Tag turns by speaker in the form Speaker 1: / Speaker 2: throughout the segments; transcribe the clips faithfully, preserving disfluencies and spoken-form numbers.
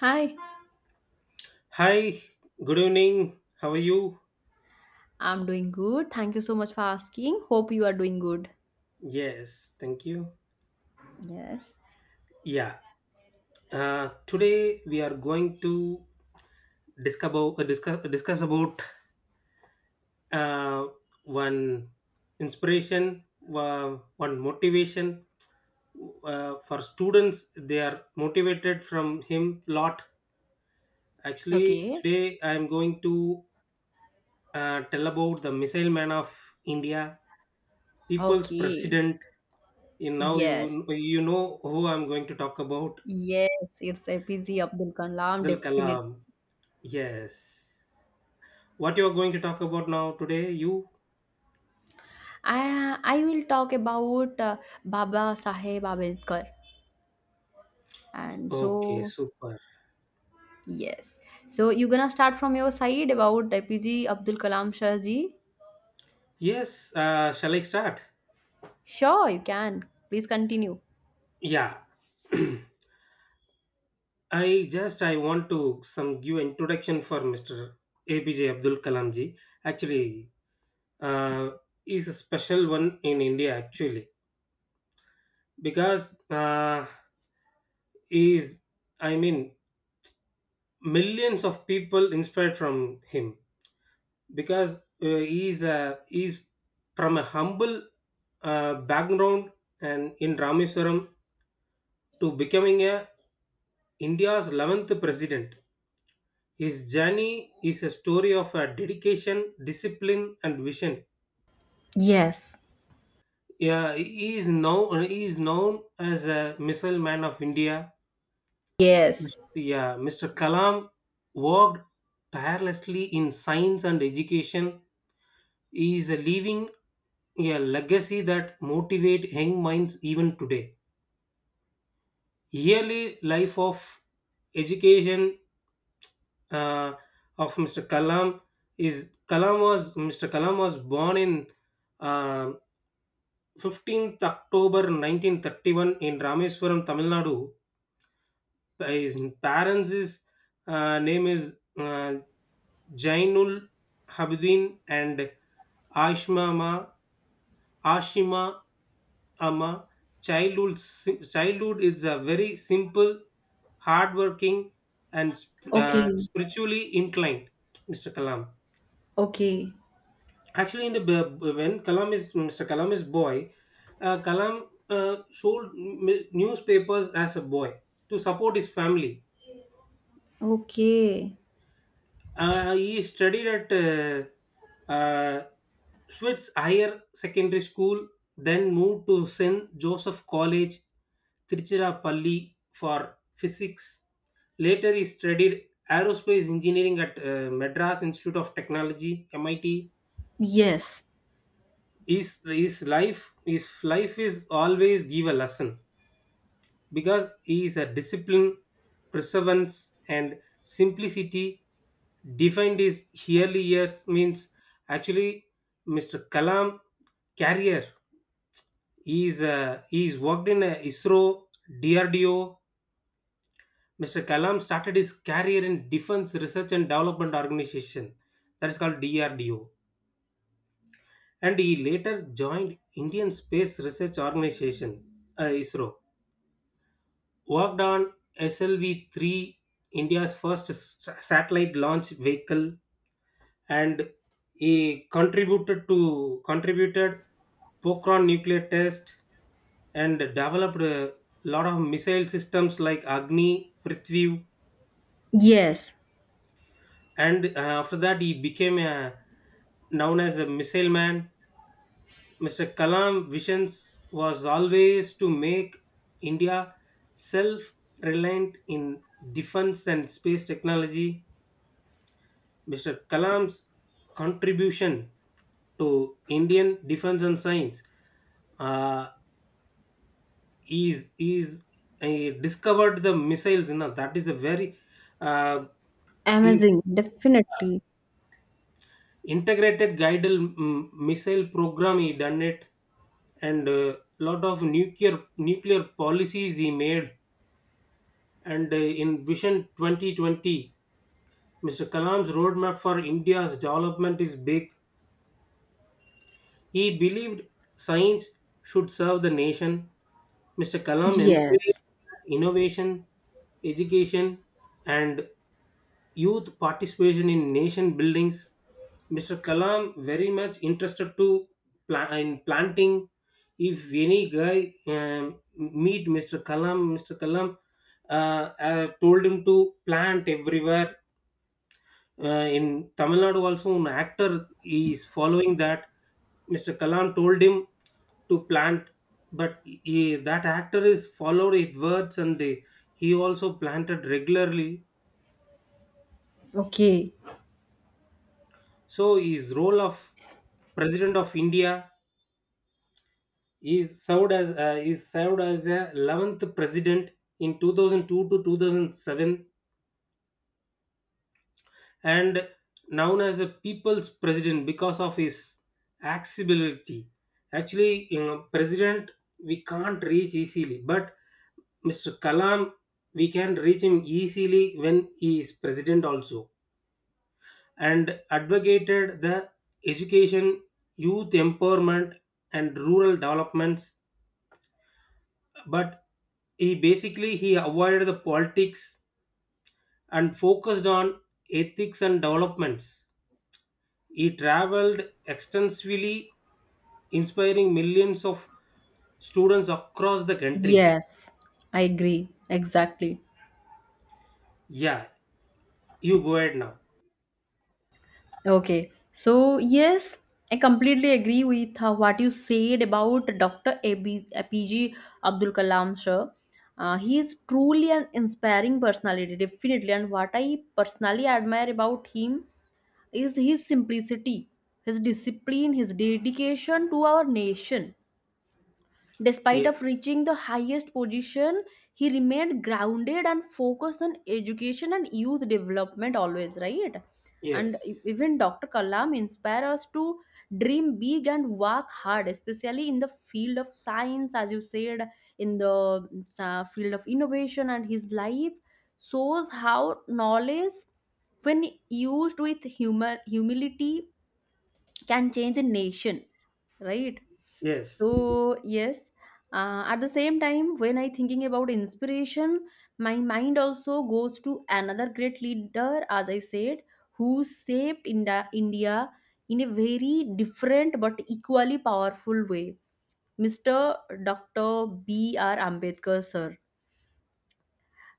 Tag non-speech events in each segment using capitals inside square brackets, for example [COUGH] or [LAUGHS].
Speaker 1: Hi,
Speaker 2: Hi, good evening. How are you?
Speaker 1: I'm doing good. Thank you so much for asking. Hope you are doing good.
Speaker 2: Yes, thank you.
Speaker 1: Yes.
Speaker 2: Yeah, uh, today we are going to discuss about, uh, discuss, uh, discuss about uh, one inspiration, uh, one motivation uh, for students. They are motivated from him lot. Actually,
Speaker 1: Okay.
Speaker 2: today I am going to uh, tell about the Missile Man of India, People's
Speaker 1: Okay.
Speaker 2: President. In now you
Speaker 1: Yes.
Speaker 2: you know who I'm going to talk about.
Speaker 1: Yes, it's A P J Abdul Kalam,
Speaker 2: Abdul
Speaker 1: definite.
Speaker 2: Kalam. Yes. What you are going to talk about now today? You?
Speaker 1: I I will talk about uh, Baba Saheb Ambedkar. And
Speaker 2: Okay,
Speaker 1: so
Speaker 2: super.
Speaker 1: yes. So you gonna start from your side about A P J Abdul Kalam Shah ji?
Speaker 2: Yes. Uh, shall I start?
Speaker 1: Sure, you can. Please continue.
Speaker 2: Yeah. [CLEARS THROAT] I just I want to some give introduction for mister A P J Abdul Kalam ji. Actually, uh, is a special one in India actually because uh, is I mean millions of people inspired from him because uh, he's a, he's from a humble uh, background and in Rameswaram to becoming a India's eleventh president. His journey is a story of a dedication, discipline, and vision.
Speaker 1: Yes.
Speaker 2: Yeah, he is now, he is known as a missile man of India.
Speaker 1: Yes.
Speaker 2: Yeah, mister Kalam worked tirelessly in science and education. He is leaving a legacy that motivate young minds even today. Yearly life of education uh, of mister Kalam is Kalam was mister Kalam was born in uh, fifteenth October nineteen thirty-one in Rameswaram, Tamil Nadu. His parents is uh, name is uh, Jainul Habidin and Ashmama Ashima Ama. Childhood si- childhood is a very simple, hardworking, and sp- uh,
Speaker 1: Okay.
Speaker 2: spiritually inclined. mister Kalam.
Speaker 1: Okay.
Speaker 2: Actually, in the b- b- when Kalam is mister Kalam is boy, uh, Kalam uh, sold m- newspapers as a boy to support his family.
Speaker 1: Okay.
Speaker 2: Uh, he studied at uh, uh, Swiss Higher Secondary School, then moved to Saint Joseph College, Tiruchirappalli for physics. Later, he studied aerospace engineering at uh, Madras Institute of Technology, M I T.
Speaker 1: Yes,
Speaker 2: His, his life his life is always give a lesson because he is a discipline, perseverance, and simplicity defined his early years means actually mister Kalam career. He is uh, he is worked in uh, ISRO, D R D O. mister Kalam started his career in Defense Research and Development Organization, that is called D R D O, and he later joined Indian Space Research Organization, uh, ISRO, worked on S L V three, India's first s- satellite launch vehicle, and he contributed to contributed Pokhran nuclear test and developed a lot of missile systems like Agni, Prithvi,
Speaker 1: yes,
Speaker 2: and uh, after that he became a, known as a missile man. mister Kalam visions was always to make India self-reliant in defense and space technology. mister Kalam's contribution to Indian defense and science uh, is is he discovered the missiles. You know, that is a very uh, is
Speaker 1: amazing, definitely.
Speaker 2: integrated guided mm, missile program. He done it and uh, lot of nuclear nuclear policies he made. And uh, in Vision twenty twenty, mister Kalam's roadmap for India's development is big. He believed science should serve the nation. mister Kalam encouraged
Speaker 1: Yes,
Speaker 2: innovation, education, and youth participation in nation buildings. mister Kalam very much interested to pla- in planting. If any guy um, meet mister Kalam, mister Kalam uh, uh, told him to plant everywhere uh, in Tamil Nadu, also an actor is following that. mister Kalam told him to plant, but he, that actor is followed it words and they, he also planted regularly.
Speaker 1: okay,
Speaker 2: So his role of president of India is served as uh, is served as a eleventh president in two thousand two to two thousand seven and known as a people's president because of his accessibility. Actually, you know, president we can't reach easily, but mister Kalam we can reach him easily when he is president also, and advocated the education, youth empowerment, and rural developments. But he basically, he avoided the politics and focused on ethics and developments. He traveled extensively, inspiring millions of students across the country.
Speaker 1: yes, I agree, exactly.
Speaker 2: Yeah, you go ahead now.
Speaker 1: Okay, so yes, I completely agree with uh, what you said about Doctor A B A P G Abdul Kalam, sir. Uh, he is truly an inspiring personality, definitely. And what I personally admire about him is his simplicity, his discipline, his dedication to our nation. Despite
Speaker 2: Ye-
Speaker 1: of reaching the highest position, he remained grounded and focused on education and youth development always, right? And e-
Speaker 2: yes,
Speaker 1: even Doctor Kalam inspire us to dream big and work hard, especially in the field of science, as you said, in the uh, field of innovation. And his life shows how knowledge, when used with humor, humility, can change a nation, right? So
Speaker 2: yes,
Speaker 1: yes, uh, at the same time when I thinking about inspiration, my mind also goes to another great leader, as I said, who saved india india in a very different but equally powerful way. Mr Doctor. B R Ambedkar sir.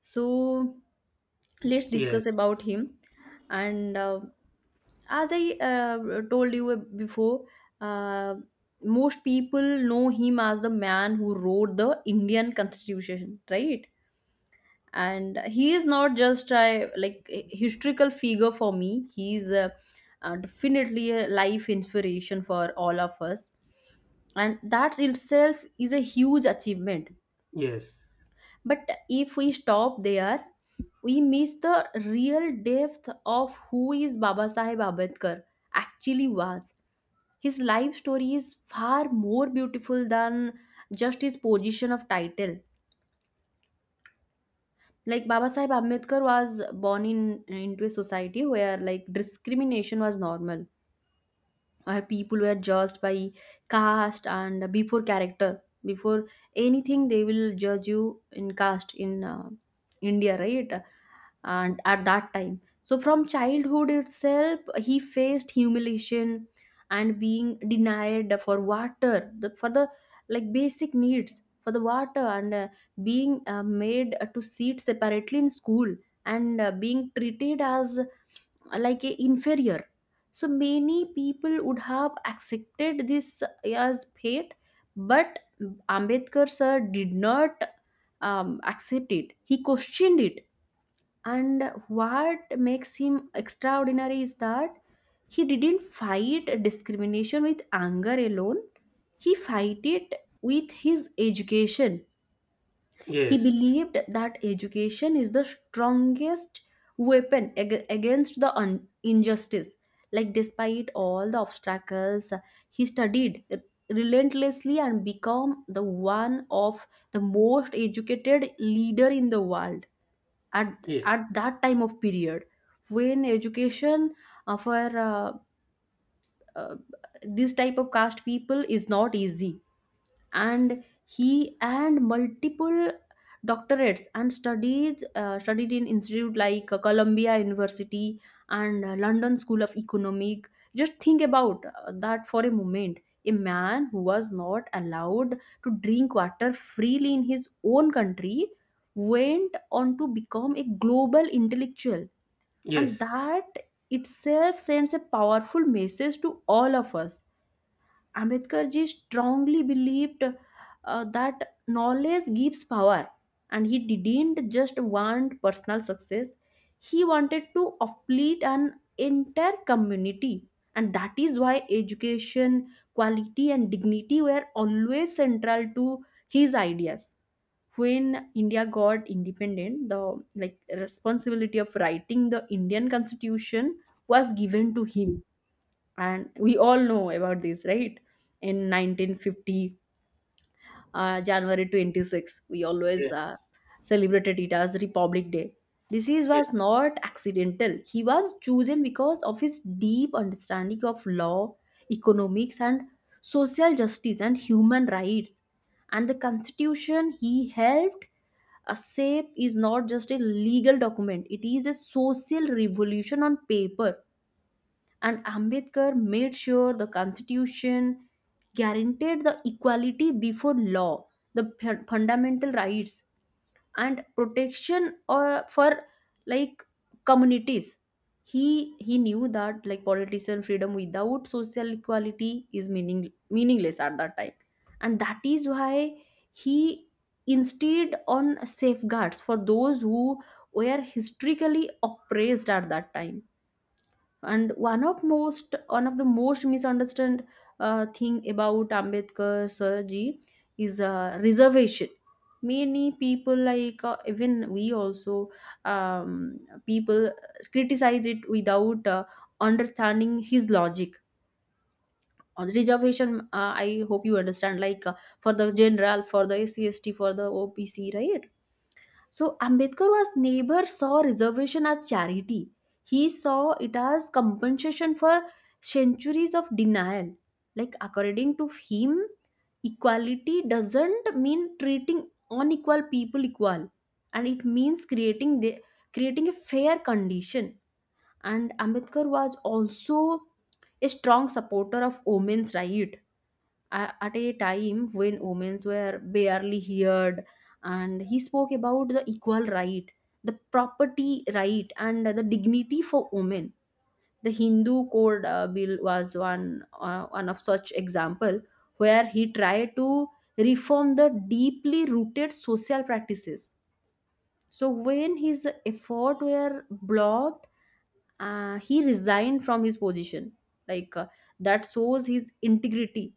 Speaker 1: So let's discuss
Speaker 2: yes,
Speaker 1: about him. And uh, as I uh, told you before, uh, most people know him as the man who wrote the Indian constitution, right? And he is not just a like a historical figure for me. He's uh, uh, definitely a life inspiration for all of us, and that itself is a huge achievement.
Speaker 2: yes,
Speaker 1: But if we stop there, we miss the real depth of who is Baba Sahib Ambedkar actually was. His life story is far more beautiful than just his position of title. Like Baba Sahib Ambedkar was born in into a society where like discrimination was normal, where people were judged by caste and before character, before anything they will judge you in caste in uh, India, right? And at that time, so from childhood itself, he faced humiliation and being denied for water the, for the like basic needs for the water, and uh, being uh, made to sit separately in school, and uh, being treated as uh, like a inferior. So many people would have accepted this as fate, but Ambedkar sir did not um, accept it. He questioned it. And what makes him extraordinary is that he didn't fight discrimination with anger alone. He fight it with his education. He
Speaker 2: yes,
Speaker 1: believed that education is the strongest weapon ag- against the un- injustice. Like despite all the obstacles, he studied relentlessly and become the one of the most educated leader in the world at
Speaker 2: yes,
Speaker 1: at
Speaker 2: yes,
Speaker 1: that time of period. When education uh, for uh, uh, this type of caste people is not easy, and he and multiple doctorates and studies uh, studied in institute like uh, Columbia University and uh, London School of Economic. Just think about uh, that for a moment. A man who was not allowed to drink water freely in his own country went on to become a global intellectual, and
Speaker 2: yes,
Speaker 1: that itself sends a powerful message to all of us. Ambedkar ji strongly believed uh, that knowledge gives power, and he didn't just want personal success, he wanted to uplift an entire community. And that is why education, quality, and dignity were always central to his ideas. When India got independent, the like responsibility of writing the Indian constitution was given to him, and we all know about this, right? In nineteen fifty, uh, January twenty-sixth, we always uh,
Speaker 2: yes,
Speaker 1: celebrated it as Republic Day. This is was not accidental. He was chosen because of his deep understanding of law, economics, and social justice, and human rights. And the constitution he helped uh, shape is not just a legal document, it is a social revolution on paper. And Ambedkar made sure the constitution guaranteed the equality before law, the fu- fundamental rights, and protection uh, for like communities. He he knew that like politician freedom without social equality is meaning meaningless at that time, and that is why he insisted on safeguards for those who were historically oppressed at that time. And one of most one of the most misunderstood uh, thing about Ambedkar sir ji is uh, reservation. Many people like uh, even we also, um, people criticize it without uh, understanding his logic on the reservation. uh, I hope you understand like uh, for the general, for the scst, for the opc, right? So Ambedkar was neighbor saw reservation as charity. He saw it as compensation for centuries of denial. Like according to him, equality doesn't mean treating unequal people equal, and it means creating the creating a fair condition. And Ambedkar was also a strong supporter of women's right a- at a time when women were barely heard, and he spoke about the equal right, the property right, and the dignity for women. The Hindu Code uh, bill was one uh, one of such example where he tried to reform the deeply rooted social practices. So when his effort were blocked, uh, he resigned from his position. Like uh, that shows his integrity.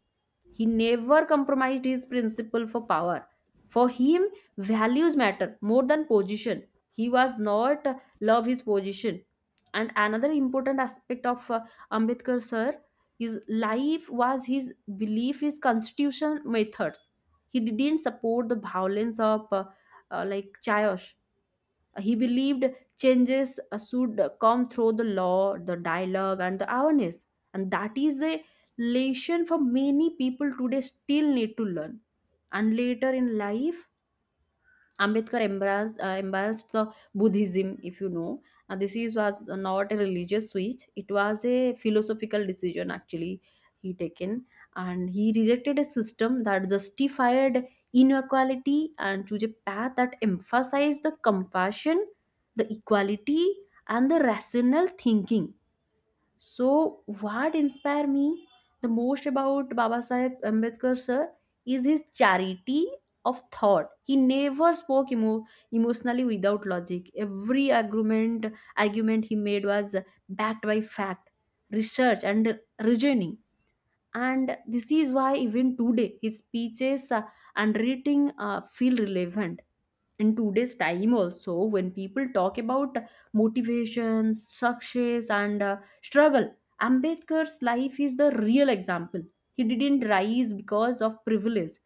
Speaker 1: He never compromised his principle for power. For him, values matter more than position. He was not uh, love his position. And another important aspect of uh, Ambedkar sir, his life was his belief, his constitution methods. He didn't support the violence of uh, uh, like chaos. He believed changes uh, should come through the law, the dialogue, and the awareness. And that is a lesson for many people today still need to learn. And later in life, Ambedkar embraced, uh, embraced the Buddhism, if you know. And this is was not a religious switch; it was a philosophical decision actually he taken, and he rejected a system that justified inequality and chose a path that emphasized the compassion, the equality, and the rational thinking. So, what inspired me the most about Baba Sahib Ambedkar sir is his charity of thought. He never spoke emo- emotionally without logic. Every argument argument he made was backed by fact, research, and reasoning. And this is why even today his speeches uh, and reading uh, feel relevant in today's time also. When people talk about motivation, success, and uh, struggle, Ambedkar's life is the real example. He didn't rise because of privilege.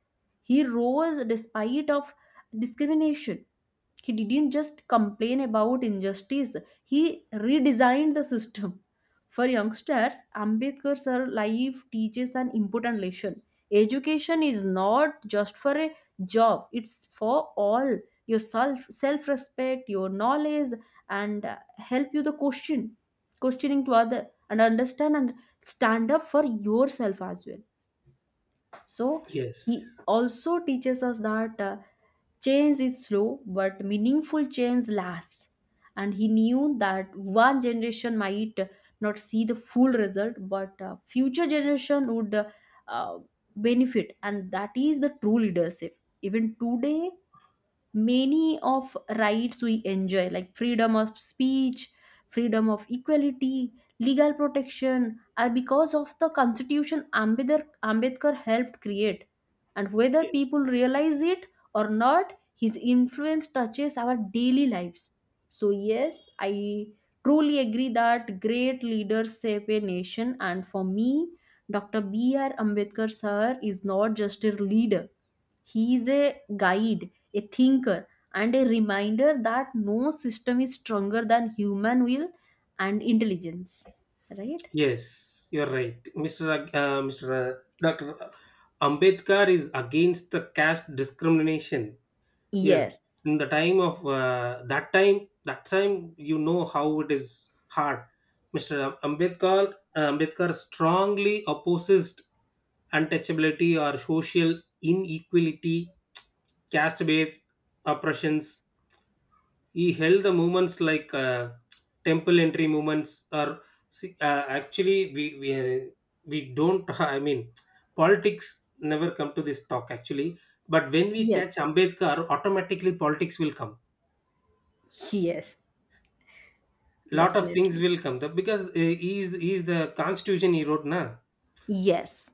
Speaker 1: He rose despite of discrimination. He didn't just complain about injustice, he redesigned the system. For youngsters, Ambedkar's life teaches an important lesson. Education is not just for a job, it's for all your self self respect, your knowledge, and uh, help you the question, questioning to other and understand and stand up for yourself as well. So
Speaker 2: yes,
Speaker 1: he also teaches us that, uh, change is slow, but meaningful change lasts. And he knew that one generation might not see the full result, but uh, future generation would uh, benefit, and that is the true leadership. Even today, many of rights we enjoy like freedom of speech, freedom of equality, legal protection are because of the constitution ambedkar, Ambedkar helped create, and whether people
Speaker 2: yes,
Speaker 1: realize it or not, his influence touches our daily lives. So yes, I truly agree that great leaders shape a nation, and for me, Doctor. B R Ambedkar sir is not just a leader, he is a guide, a thinker, and a reminder that no system is stronger than human will and intelligence. Right?
Speaker 2: yes. You're right, mister Ag- Uh, mister Doctor Ambedkar is against the caste discrimination. Yes,
Speaker 1: Yes.
Speaker 2: in the time of uh, that time, that time you know how it is hard. mister Ambedkar, uh, Ambedkar strongly opposes untouchability or social inequality, caste-based oppressions. He held the movements like uh, temple entry movements are, see, uh, actually we we, uh, we don't [LAUGHS] I mean politics never come to this talk actually, but when we touch
Speaker 1: Yes.
Speaker 2: Ambedkar automatically politics will come,
Speaker 1: Yes.
Speaker 2: lot of things
Speaker 1: Definitely.
Speaker 2: will come, the- because uh, he is he is the constitution he wrote na.
Speaker 1: Yes.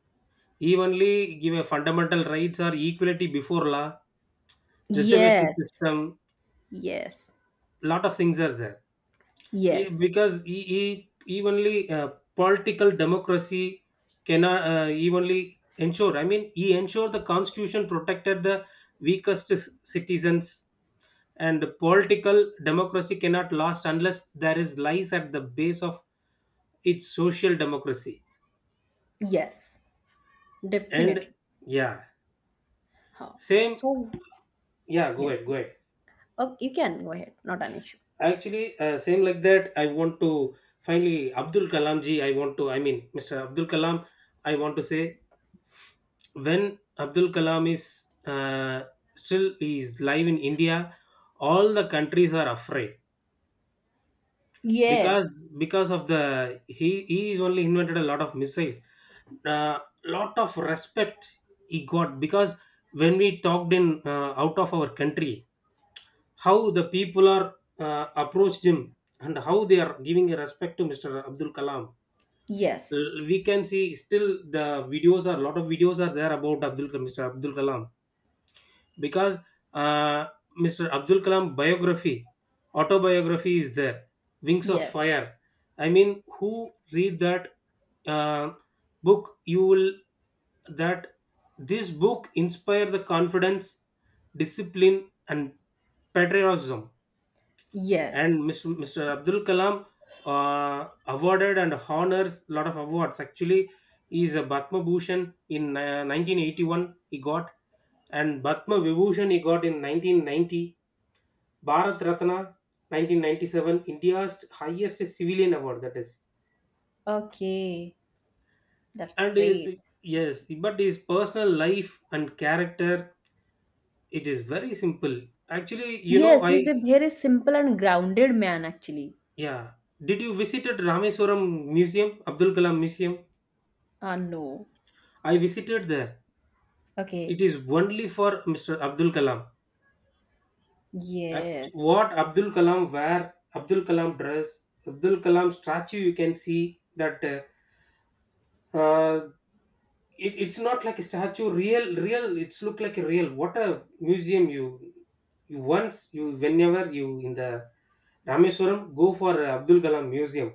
Speaker 2: He only give a fundamental rights or equality before law, reservation
Speaker 1: Yes.
Speaker 2: system,
Speaker 1: Yes.
Speaker 2: lot of things are there. Yeah,
Speaker 1: Yes.
Speaker 2: because e- e- evenly uh, political democracy cannot uh, evenly ensure. I mean, he ensured the constitution protected the weakest c- citizens, and political democracy cannot last unless there is lies at the base of its social democracy.
Speaker 1: Yes.
Speaker 2: And
Speaker 1: Definitely.
Speaker 2: yeah,
Speaker 1: How? Yes.
Speaker 2: same.
Speaker 1: So,
Speaker 2: Yeah, go
Speaker 1: yes.
Speaker 2: ahead, go ahead.
Speaker 1: Oh, you can go ahead. Not an issue.
Speaker 2: Actually, uh, same like that. I want to finally Abdul Kalam ji. I want to. I mean, mister Abdul Kalam. I want to say when Abdul Kalam is uh, still he is live in India, all the countries are afraid
Speaker 1: Yes.
Speaker 2: because, because of the, he he is only invented a lot of missiles. Uh, lot of respect he got because when we talked in uh, out of our country, how the people are uh, approached him and how they are giving a respect to mister Abdul Kalam.
Speaker 1: Yes.
Speaker 2: L- We can see still the videos are, lot of videos are there about Abdul mister Abdul Kalam because uh, mister Abdul Kalam biography, autobiography is there, Wings of
Speaker 1: Yes.
Speaker 2: Fire. I mean, who read that uh, book? You will that this book inspire the confidence, discipline, and patriotism.
Speaker 1: Yes.
Speaker 2: And mister mister Abdul Kalam uh, awarded and honors a lot of awards. Actually, he is a Bhatma Bhushan in uh, nineteen eighty-one he got, and Batma Vibhushan he got in nineteen ninety, Bharat Ratna nineteen ninety-seven, India's highest civilian award that is.
Speaker 1: Okay. That's
Speaker 2: And uh,
Speaker 1: great.
Speaker 2: yes, but his personal life and character, it is very simple. Actually, you know,
Speaker 1: Yes,
Speaker 2: I,
Speaker 1: he's a very simple and grounded man, actually.
Speaker 2: yeah. Did you visited Rameswaram Museum, Abdul Kalam Museum?
Speaker 1: Ah, no.
Speaker 2: I visited there. It
Speaker 1: Okay.
Speaker 2: is only for mister Abdul Kalam. Act-
Speaker 1: Yes.
Speaker 2: What Abdul Kalam wear, Abdul Kalam dress, Abdul Kalam statue you can see that uh, uh, it, it's not like a statue, real, real, it's look like a real. What a museum. You you once you whenever you in the Rameswaram, go for Abdul Kalam Museum.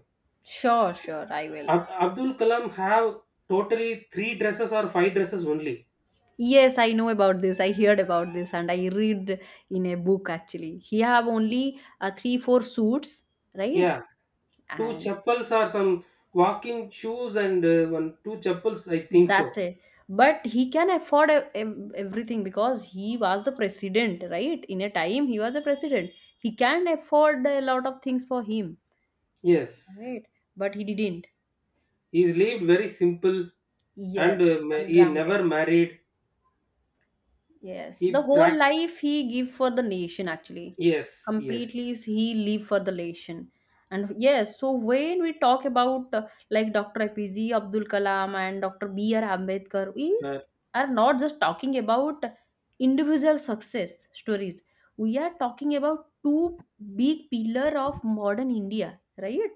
Speaker 1: Sure, sure, I will.
Speaker 2: Ab- abdul Kalam have totally three dresses or five dresses only.
Speaker 1: Yes, I know about this. I heard about this, and I read in a book actually. He have only uh, three, four suits, right?
Speaker 2: Yeah, two
Speaker 1: And
Speaker 2: chapels or some walking shoes and uh, one two chapels I think
Speaker 1: that's
Speaker 2: so.
Speaker 1: it. But he can afford ev- ev- everything because he was the president, right? In a time, he was a president. He can afford a lot of things for him,
Speaker 2: Yes,
Speaker 1: right? But he didn't.
Speaker 2: he's lived very simple and
Speaker 1: Yes,
Speaker 2: uh, ma- he never
Speaker 1: ungrounded.
Speaker 2: married.
Speaker 1: Yes,
Speaker 2: He
Speaker 1: the whole
Speaker 2: pract
Speaker 1: life he give for the nation actually.
Speaker 2: Yes, yes.
Speaker 1: Completely is he live for the nation. And yes, so when we talk about uh, like Doctor A P J Abdul Kalam and Doctor B R. Ambedkar, we
Speaker 2: Uh,
Speaker 1: are not just talking about individual success stories. We are talking about two big pillar of modern India, right?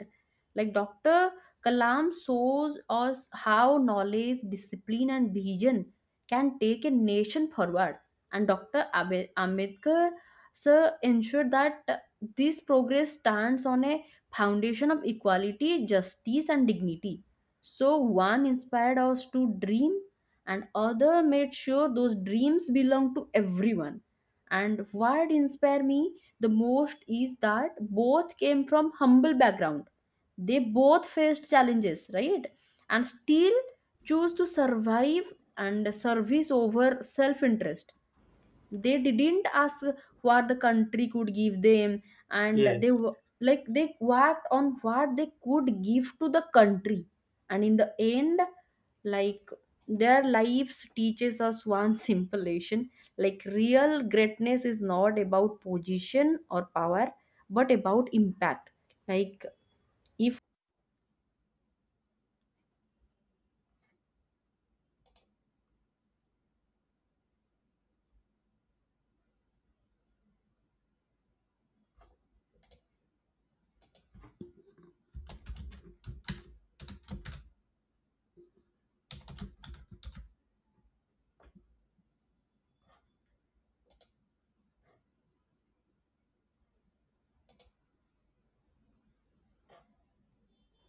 Speaker 1: Like Doctor Kalam shows us how knowledge, discipline, and vision can take a nation forward, and Doctor Ambe- Ambedkar sir ensured that this progress stands on a foundation of equality, justice, and dignity. So one inspired us to dream, and other made sure those dreams belong to everyone. And what inspired me the most is that both came from humble background. They both faced challenges, right? And still choose to survive and service over self interest. They didn't ask what the country could give them, and they
Speaker 2: yes.
Speaker 1: wa- like they worked on what they could give to the country. And in the end, like their lives teaches us one [LAUGHS] simple lesson. Like real greatness is not about position or power but about impact. Like if,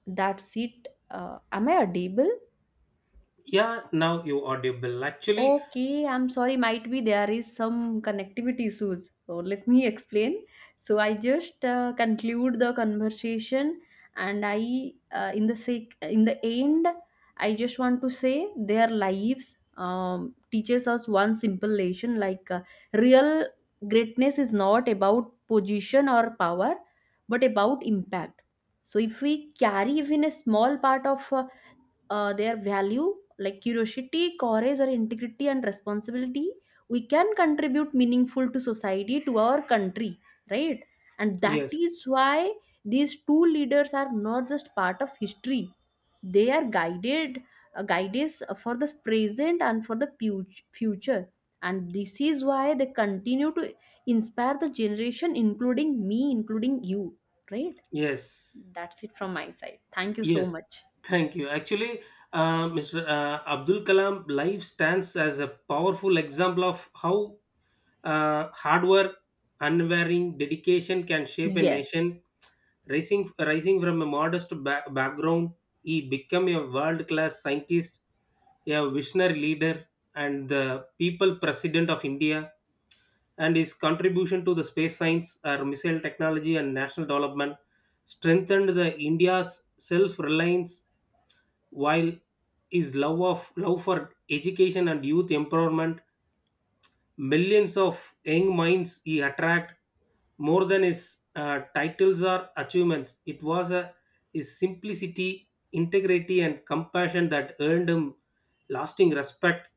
Speaker 1: that's it, uh, am I audible?
Speaker 2: Yeah, now you audible. Actually,
Speaker 1: Okay, I'm sorry, might be there is some connectivity issues. So let me [LAUGHS] explain. So I just uh, conclude the conversation, and I, uh, in the sec- in the end, I just want to say their lives um, teaches us one simple lesson: like uh, real greatness is not about position or power, but about impact. So if we carry even a small part of uh, uh, their value like curiosity, courage, or integrity and responsibility, we can contribute meaningful to society, to our country, right? And that
Speaker 2: yes,
Speaker 1: is why these two leaders are not just part of history, they are guided uh, guides for the present and for the pu- future. And this is why they continue to inspire the generation, including me, including you, right?
Speaker 2: yes,
Speaker 1: That's it from my side. Thank you so
Speaker 2: yes.
Speaker 1: much.
Speaker 2: Thank you. Actually, uh, mister Uh, Abdul Kalam life stands as a powerful example of how uh, hard work, unwavering dedication can shape a
Speaker 1: Yes.
Speaker 2: nation. Rising, rising from a modest ba- background, he became a world class scientist, a visionary leader, and the people president of India. And his contribution to the space science, or missile technology, and national development strengthened the India's self reliance while his love of love for education and youth empowerment, millions of young minds he attracted. More than his uh, titles or achievements, it was uh, his simplicity, integrity and compassion that earned him lasting respect.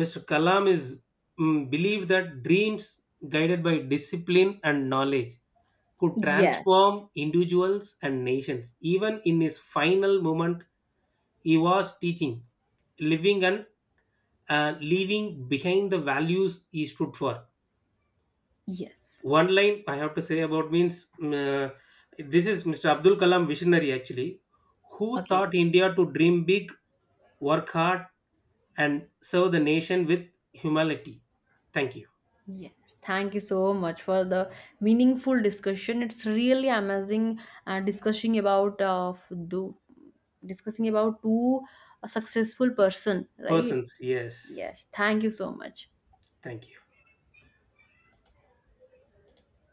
Speaker 2: Mr. Kalam is mm, believed that dreams guided by discipline and knowledge could
Speaker 1: Yes,
Speaker 2: transform individuals and nations even in his final moment. He was teaching, living, and uh, leaving behind the values he stood for.
Speaker 1: yes.
Speaker 2: One line I have to say about means, mm, uh, this is mister Abdul Kalam visionary actually, who
Speaker 1: Okay,
Speaker 2: taught India to dream big, work hard, and serve the nation with humility. Thank you.
Speaker 1: yes. Thank you so much for the meaningful discussion. It's really amazing uh, discussing about uh, do discussing about two successful person, right?
Speaker 2: Persons, yes.
Speaker 1: Yes. Thank you so much.
Speaker 2: Thank you.